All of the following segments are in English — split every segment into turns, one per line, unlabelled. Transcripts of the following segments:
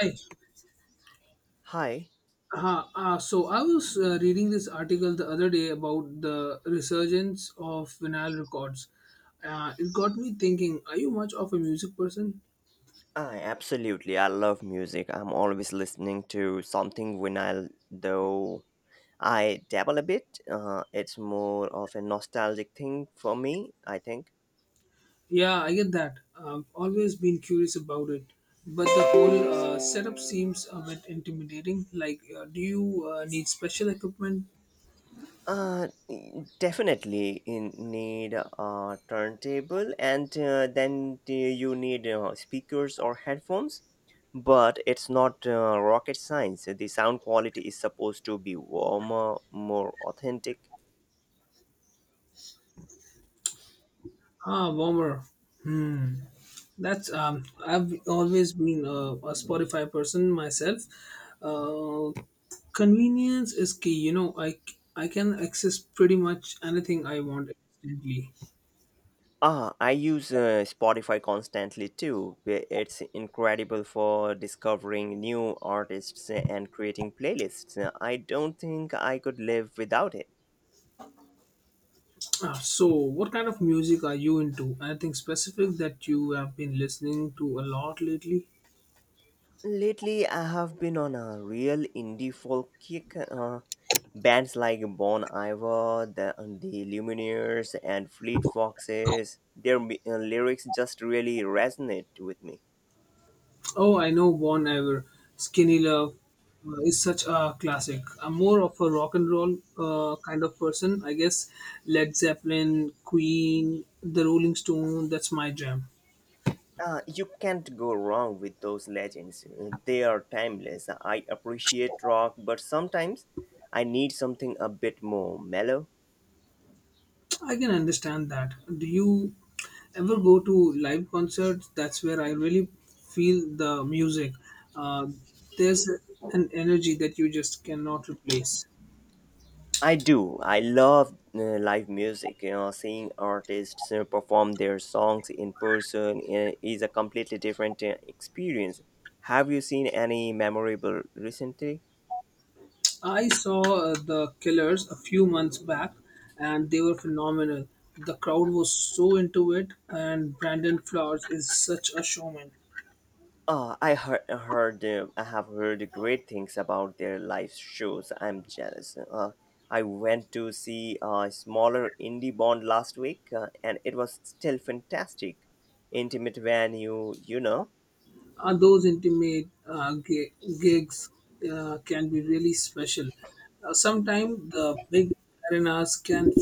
Hi.
Hi.
So I was reading this article the other day about the resurgence of vinyl records. It got me thinking, are you much of a music person?
I absolutely I love music. I'm always listening to something when I though I dabble a bit. It's more of a nostalgic thing for me, I think.
Yeah, I get that. I've always been curious about it. But the whole setup seems a bit intimidating. Like, do you need special equipment?
Uh, Definitely in need a turntable and then do you need speakers or headphones. But it's not rocket science. The sound quality is supposed to be warmer, more authentic.
Ah, warmer. Hmm. That's I've always been a Spotify person myself. Uh, convenience is key. I can access pretty much anything I want instantly.
Ah, I use Spotify constantly too. Where It's incredible for discovering new artists and creating playlists. I don't think I could live without it.
So, what kind of music are you into? Anything specific that you have been listening to a lot lately?
Lately, I have been on a real indie folk kick. Bands like Bon Iver, the Lumineers, and Fleet Foxes, lyrics just really resonate with me.
Oh, I know Bon Iver. Skinny Love is such a classic. I'm more of a rock and roll kind of person, I guess. Led Zeppelin, Queen, The Rolling Stone, that's my jam.
You can't go wrong with those legends. They are timeless. I appreciate rock, but sometimes I need something a bit more mellow.
I can understand that. Do you ever go to live concerts? That's where I really feel the music. Uh, there's an energy that you just cannot replace.
I do. I love live music. You know, seeing artists perform their songs in person is a completely different experience. Have you seen any memorable recently?
I saw The Killers a few months back and they were phenomenal. The crowd was so into it, and Brandon Flowers is such a showman.
I have heard great things about their live shows. I'm jealous. I went to see a smaller indie band last week, and it was still fantastic. Intimate venue, you know.
Those intimate gigs can be really special. Sometimes the big arenas can be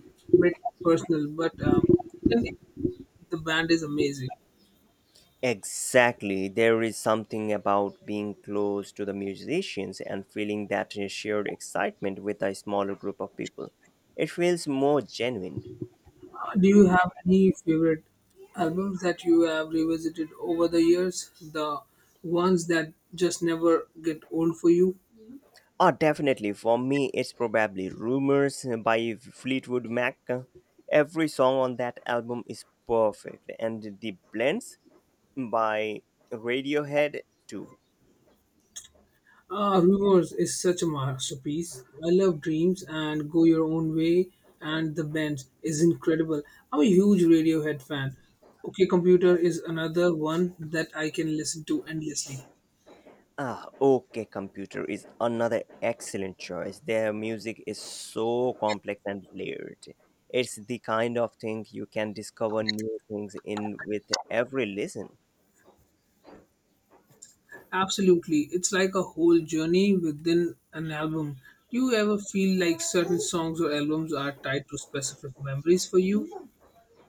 a bit personal, but even if the band is amazing.
Exactly. There is something about being close to the musicians and feeling that shared excitement with a smaller group of people. It feels more genuine.
Do you have any favorite albums that you have revisited over the years? The ones that just never get old for you?
Oh, definitely. For me, it's probably Rumors by Fleetwood Mac. Every song on that album is perfect, and the blends by Radiohead, too.
Rumors is such a masterpiece. I love Dreams and Go Your Own Way and The Bends is incredible. I'm a huge Radiohead fan. OK Computer is another one that I can listen to endlessly.
Ah, OK Computer is another excellent choice. Their music is so complex and layered. It's the kind of thing you can discover new things in with every listen.
Absolutely. It's like a whole journey within an album. Do you ever feel like certain songs or albums are tied to specific memories for you?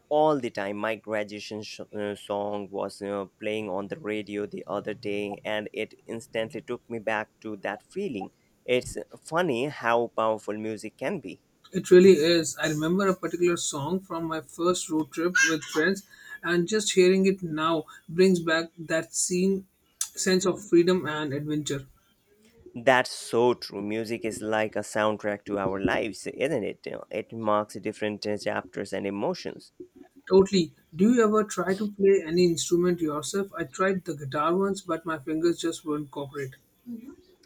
All the time. My graduation song was playing on the radio the other day, and it instantly took me back to that feeling. It's funny how powerful music can be.
It really is. I remember a particular song from my first road trip with friends, and just hearing it now brings back that scene, sense of freedom and adventure.
That's so true. Music is like a soundtrack to our lives, isn't it? You know, it marks different chapters and emotions.
Totally. Do you ever try to play any instrument yourself? I tried the guitar once, but my fingers just wouldn't cooperate.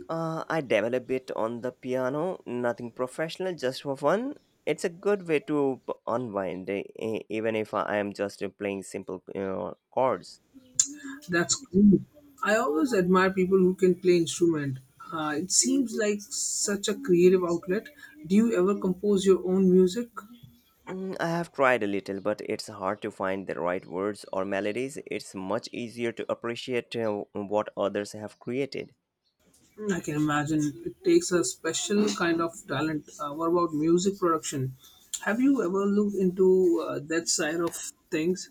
I develop it on the piano, nothing professional, just for fun. It's a good way to unwind, even if I am just playing simple chords.
That's cool. I always admire people who can play instrument. It seems like such a creative outlet. Do you ever compose your own music?
I have tried a little, but it's hard to find the right words or melodies. It's much easier to appreciate what others have created.
Mm, I can imagine it takes a special kind of talent. What about music production? Have you ever looked into that side of things?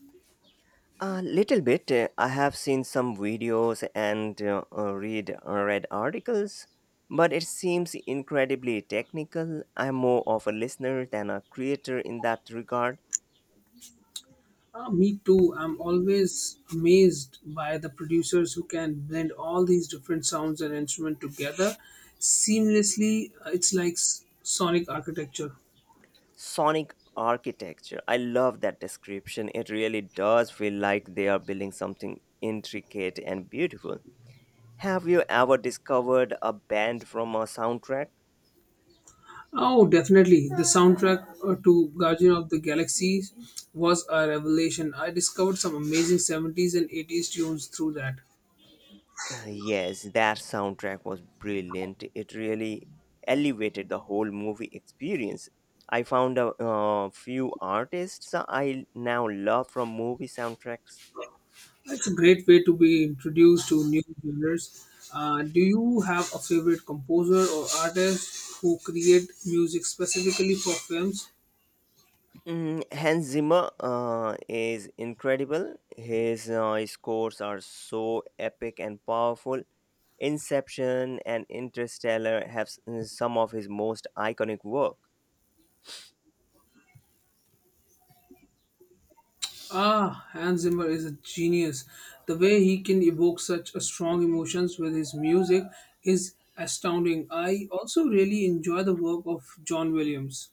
A little bit. I have seen some videos and read articles, but it seems incredibly technical. I'm more of a listener than a creator in that regard.
Me too. I'm always amazed by the producers who can blend all these different sounds and instruments together seamlessly. It's like sonic architecture.
Sonic architecture. I love that description. It really does feel like they are building something intricate and beautiful. Have you ever discovered a band from a soundtrack?
Oh, definitely. The soundtrack to Guardian of the Galaxy was a revelation. I discovered some amazing 70s and 80s tunes through that.
Yes, that soundtrack was brilliant. It really elevated the whole movie experience. I found a few artists I now love from movie soundtracks.
It's a great way to be introduced to new genres. Do you have a favorite composer or artist who create music specifically for films?
Hans Zimmer is incredible. His scores are so epic and powerful. Inception and Interstellar have some of his most iconic work.
Ah, Hans Zimmer is a genius. The way he can evoke such a strong emotions with his music is astounding. I also really enjoy the work of John Williams.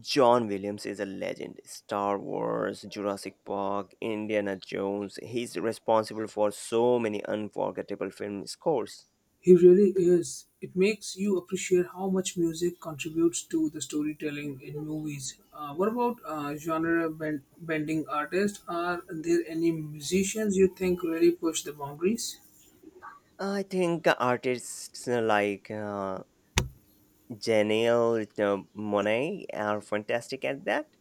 John Williams is a legend. Star Wars, Jurassic Park, Indiana Jones. He's responsible for so many unforgettable film scores.
He really is. It makes you appreciate how much music contributes to the storytelling in movies. What about bending artists? Are there any musicians you think really push the boundaries?
I think artists like Janelle Monet are fantastic at that.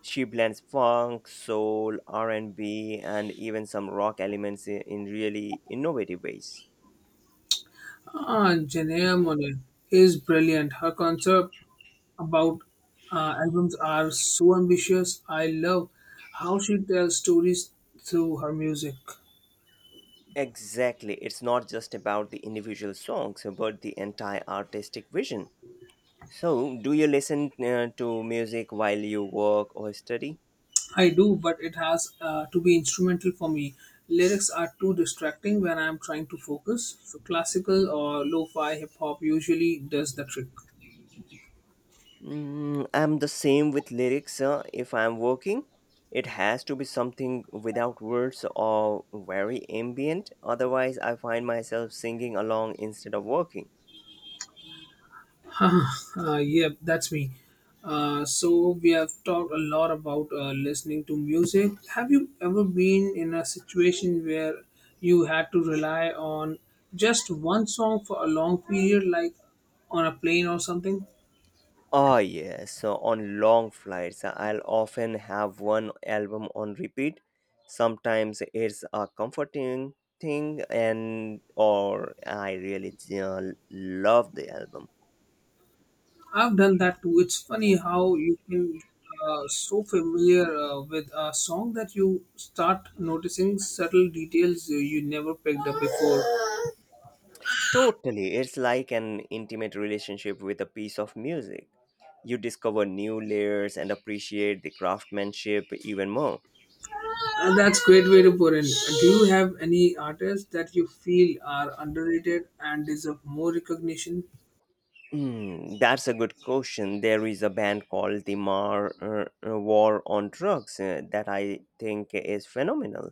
She blends funk, soul, R&B, and B, and even some rock elements in really innovative ways.
Ah, Janelle Monáe is brilliant. Her concept about albums are so ambitious. I love how she tells stories through her music.
Exactly, it's not just about the individual songs, but the entire artistic vision. So, do you listen to music while you work or study?
I do, but it has to be instrumental for me. Lyrics are too distracting when I'm trying to focus. So classical or lo-fi hip hop usually does the trick.
I'm the same with lyrics. If I'm working, it has to be something without words or very ambient. Otherwise, I find myself singing along instead of working.
Yeah, that's me. So we have talked a lot about listening to music. Have you ever been in a situation where you had to rely on just one song for a long period, like on a plane or something?
Ah, yes. So on long flights, I'll often have one album on repeat. Sometimes it's a comforting thing, and or I really love the album.
I've done that too. It's funny how you can get so familiar with a song that you start noticing subtle details you never picked up before.
Totally, it's like an intimate relationship with a piece of music. You discover new layers and appreciate the craftsmanship even more.
And that's great way to put in. Do you have any artists that you feel are underrated and deserve more recognition?
Hmm, that's a good question. There is a band called the Mar War on Drugs that I think is phenomenal.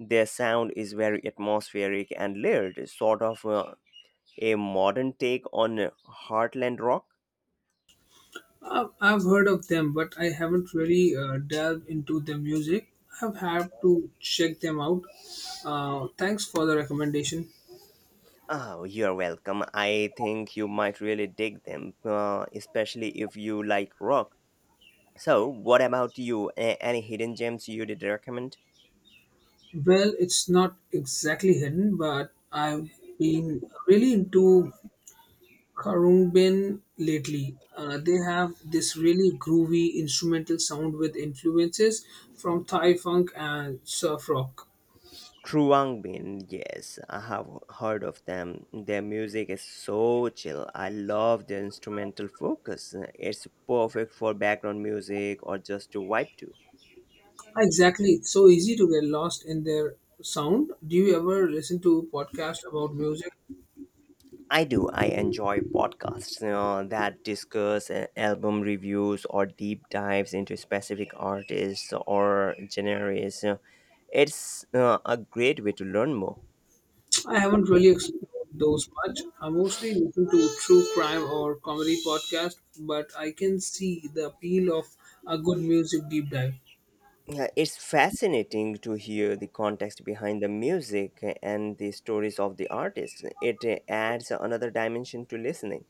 Their sound is very atmospheric and layered, sort of a modern take on heartland rock.
I've heard of them, but I haven't really delved into their music. I've had to check them out. Thanks for the recommendation.
Oh, you're welcome. I think you might really dig them, especially if you like rock. So, what about you? Any hidden gems you did recommend?
Well, it's not exactly hidden, but I've been really into Karumbin lately. They have this really groovy instrumental sound with influences from Thai funk and surf rock.
Truangbin, yes, I have heard of them. Their music is so chill. I love their instrumental focus. It's perfect for background music or just to vibe to.
Exactly, it's so easy to get lost in their sound. Do you ever listen to podcasts about music?
I do. I enjoy podcasts that discuss album reviews or deep dives into specific artists or genres. It's a great way to learn more.
I haven't really explored those much. I mostly listen to true crime or comedy podcasts, but I can see the appeal of a good music deep dive.
Yeah, it's fascinating to hear the context behind the music and the stories of the artists. It adds another dimension to listening.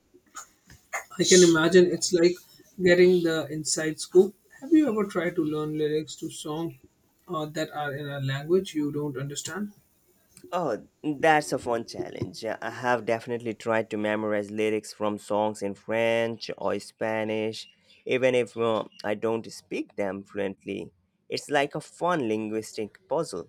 I can imagine it's like getting the inside scoop. Have you ever tried to learn lyrics to songs that are in a language you don't understand?
Oh, that's a fun challenge. I have definitely tried to memorize lyrics from songs in French or Spanish, even if I don't speak them fluently. It's like a fun linguistic puzzle.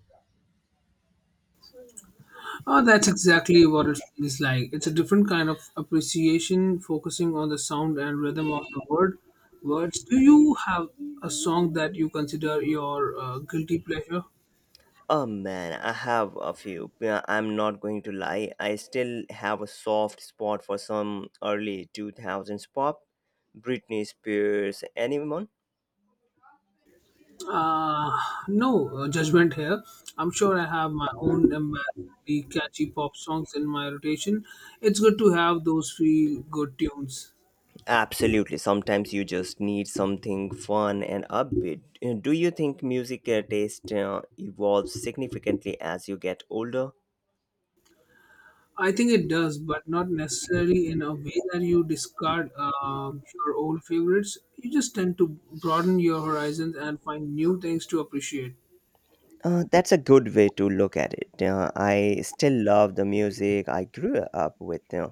Oh, that's exactly what it feels like. It's a different kind of appreciation, focusing on the sound and rhythm of the word. Words. Do you have a song that you consider your guilty pleasure?
Oh man, I have a few. Yeah, I'm not going to lie. I still have a soft spot for some early 2000s pop. Britney Spears, anyone?
Uh, no judgment here. I'm sure I have my own embarrassingly catchy pop songs in my rotation. It's good to have those feel good tunes.
Absolutely. Sometimes you just need something fun and upbeat. Do you think music taste evolves significantly as you get older?
I think it does, but not necessarily in a way that you discard your old favorites. You just tend to broaden your horizons and find new things to appreciate.
That's a good way to look at it. I still love the music I grew up with.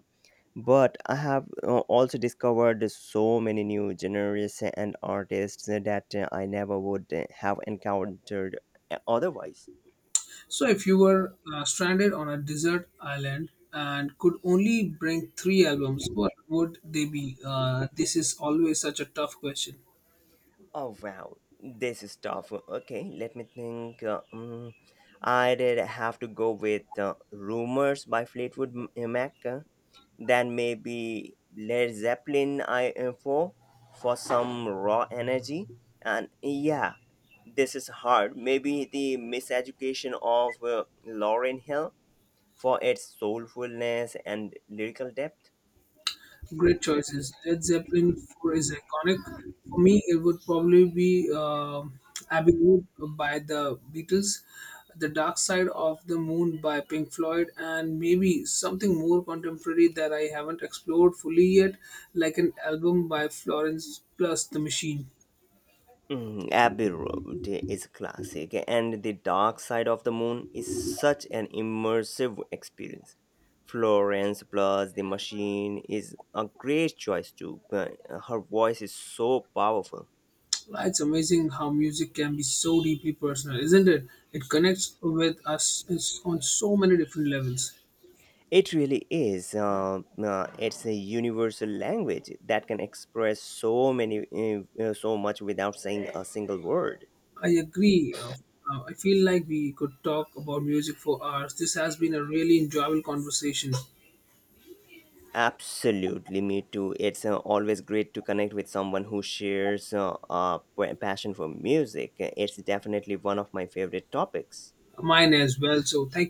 But I have also discovered so many new genres and artists that I never would have encountered otherwise.
So, if you were stranded on a desert island and could only bring three albums, what would they be? This is always such a tough question.
Oh wow, this is tough. Okay, let me think. I did have to go with Rumors by Fleetwood Mac. Then maybe Led Zeppelin I4 for some raw energy. And yeah, this is hard. Maybe The Miseducation of Lauren Hill for its soulfulness and lyrical depth.
Great choices. Led Zeppelin 4 is iconic. For me, it would probably be Abbey Road by the Beatles, The Dark Side of the Moon by Pink Floyd, and maybe something more contemporary that I haven't explored fully yet, like an album by Florence Plus the Machine.
Mm, Abbey Road is classic, and The Dark Side of the Moon is such an immersive experience. Florence plus The Machine is a great choice too. But Her voice is so powerful.
Wow, it's amazing how music can be so deeply personal, isn't it? It connects with us on so many different levels.
It really is. It's a universal language that can express so many, so much without saying a single word.
I agree. I feel like we could talk about music for hours. This has been a really enjoyable conversation.
Absolutely, me too. It's always great to connect with someone who shares a passion for music. It's definitely one of my favorite topics.
Mine as well. So, thank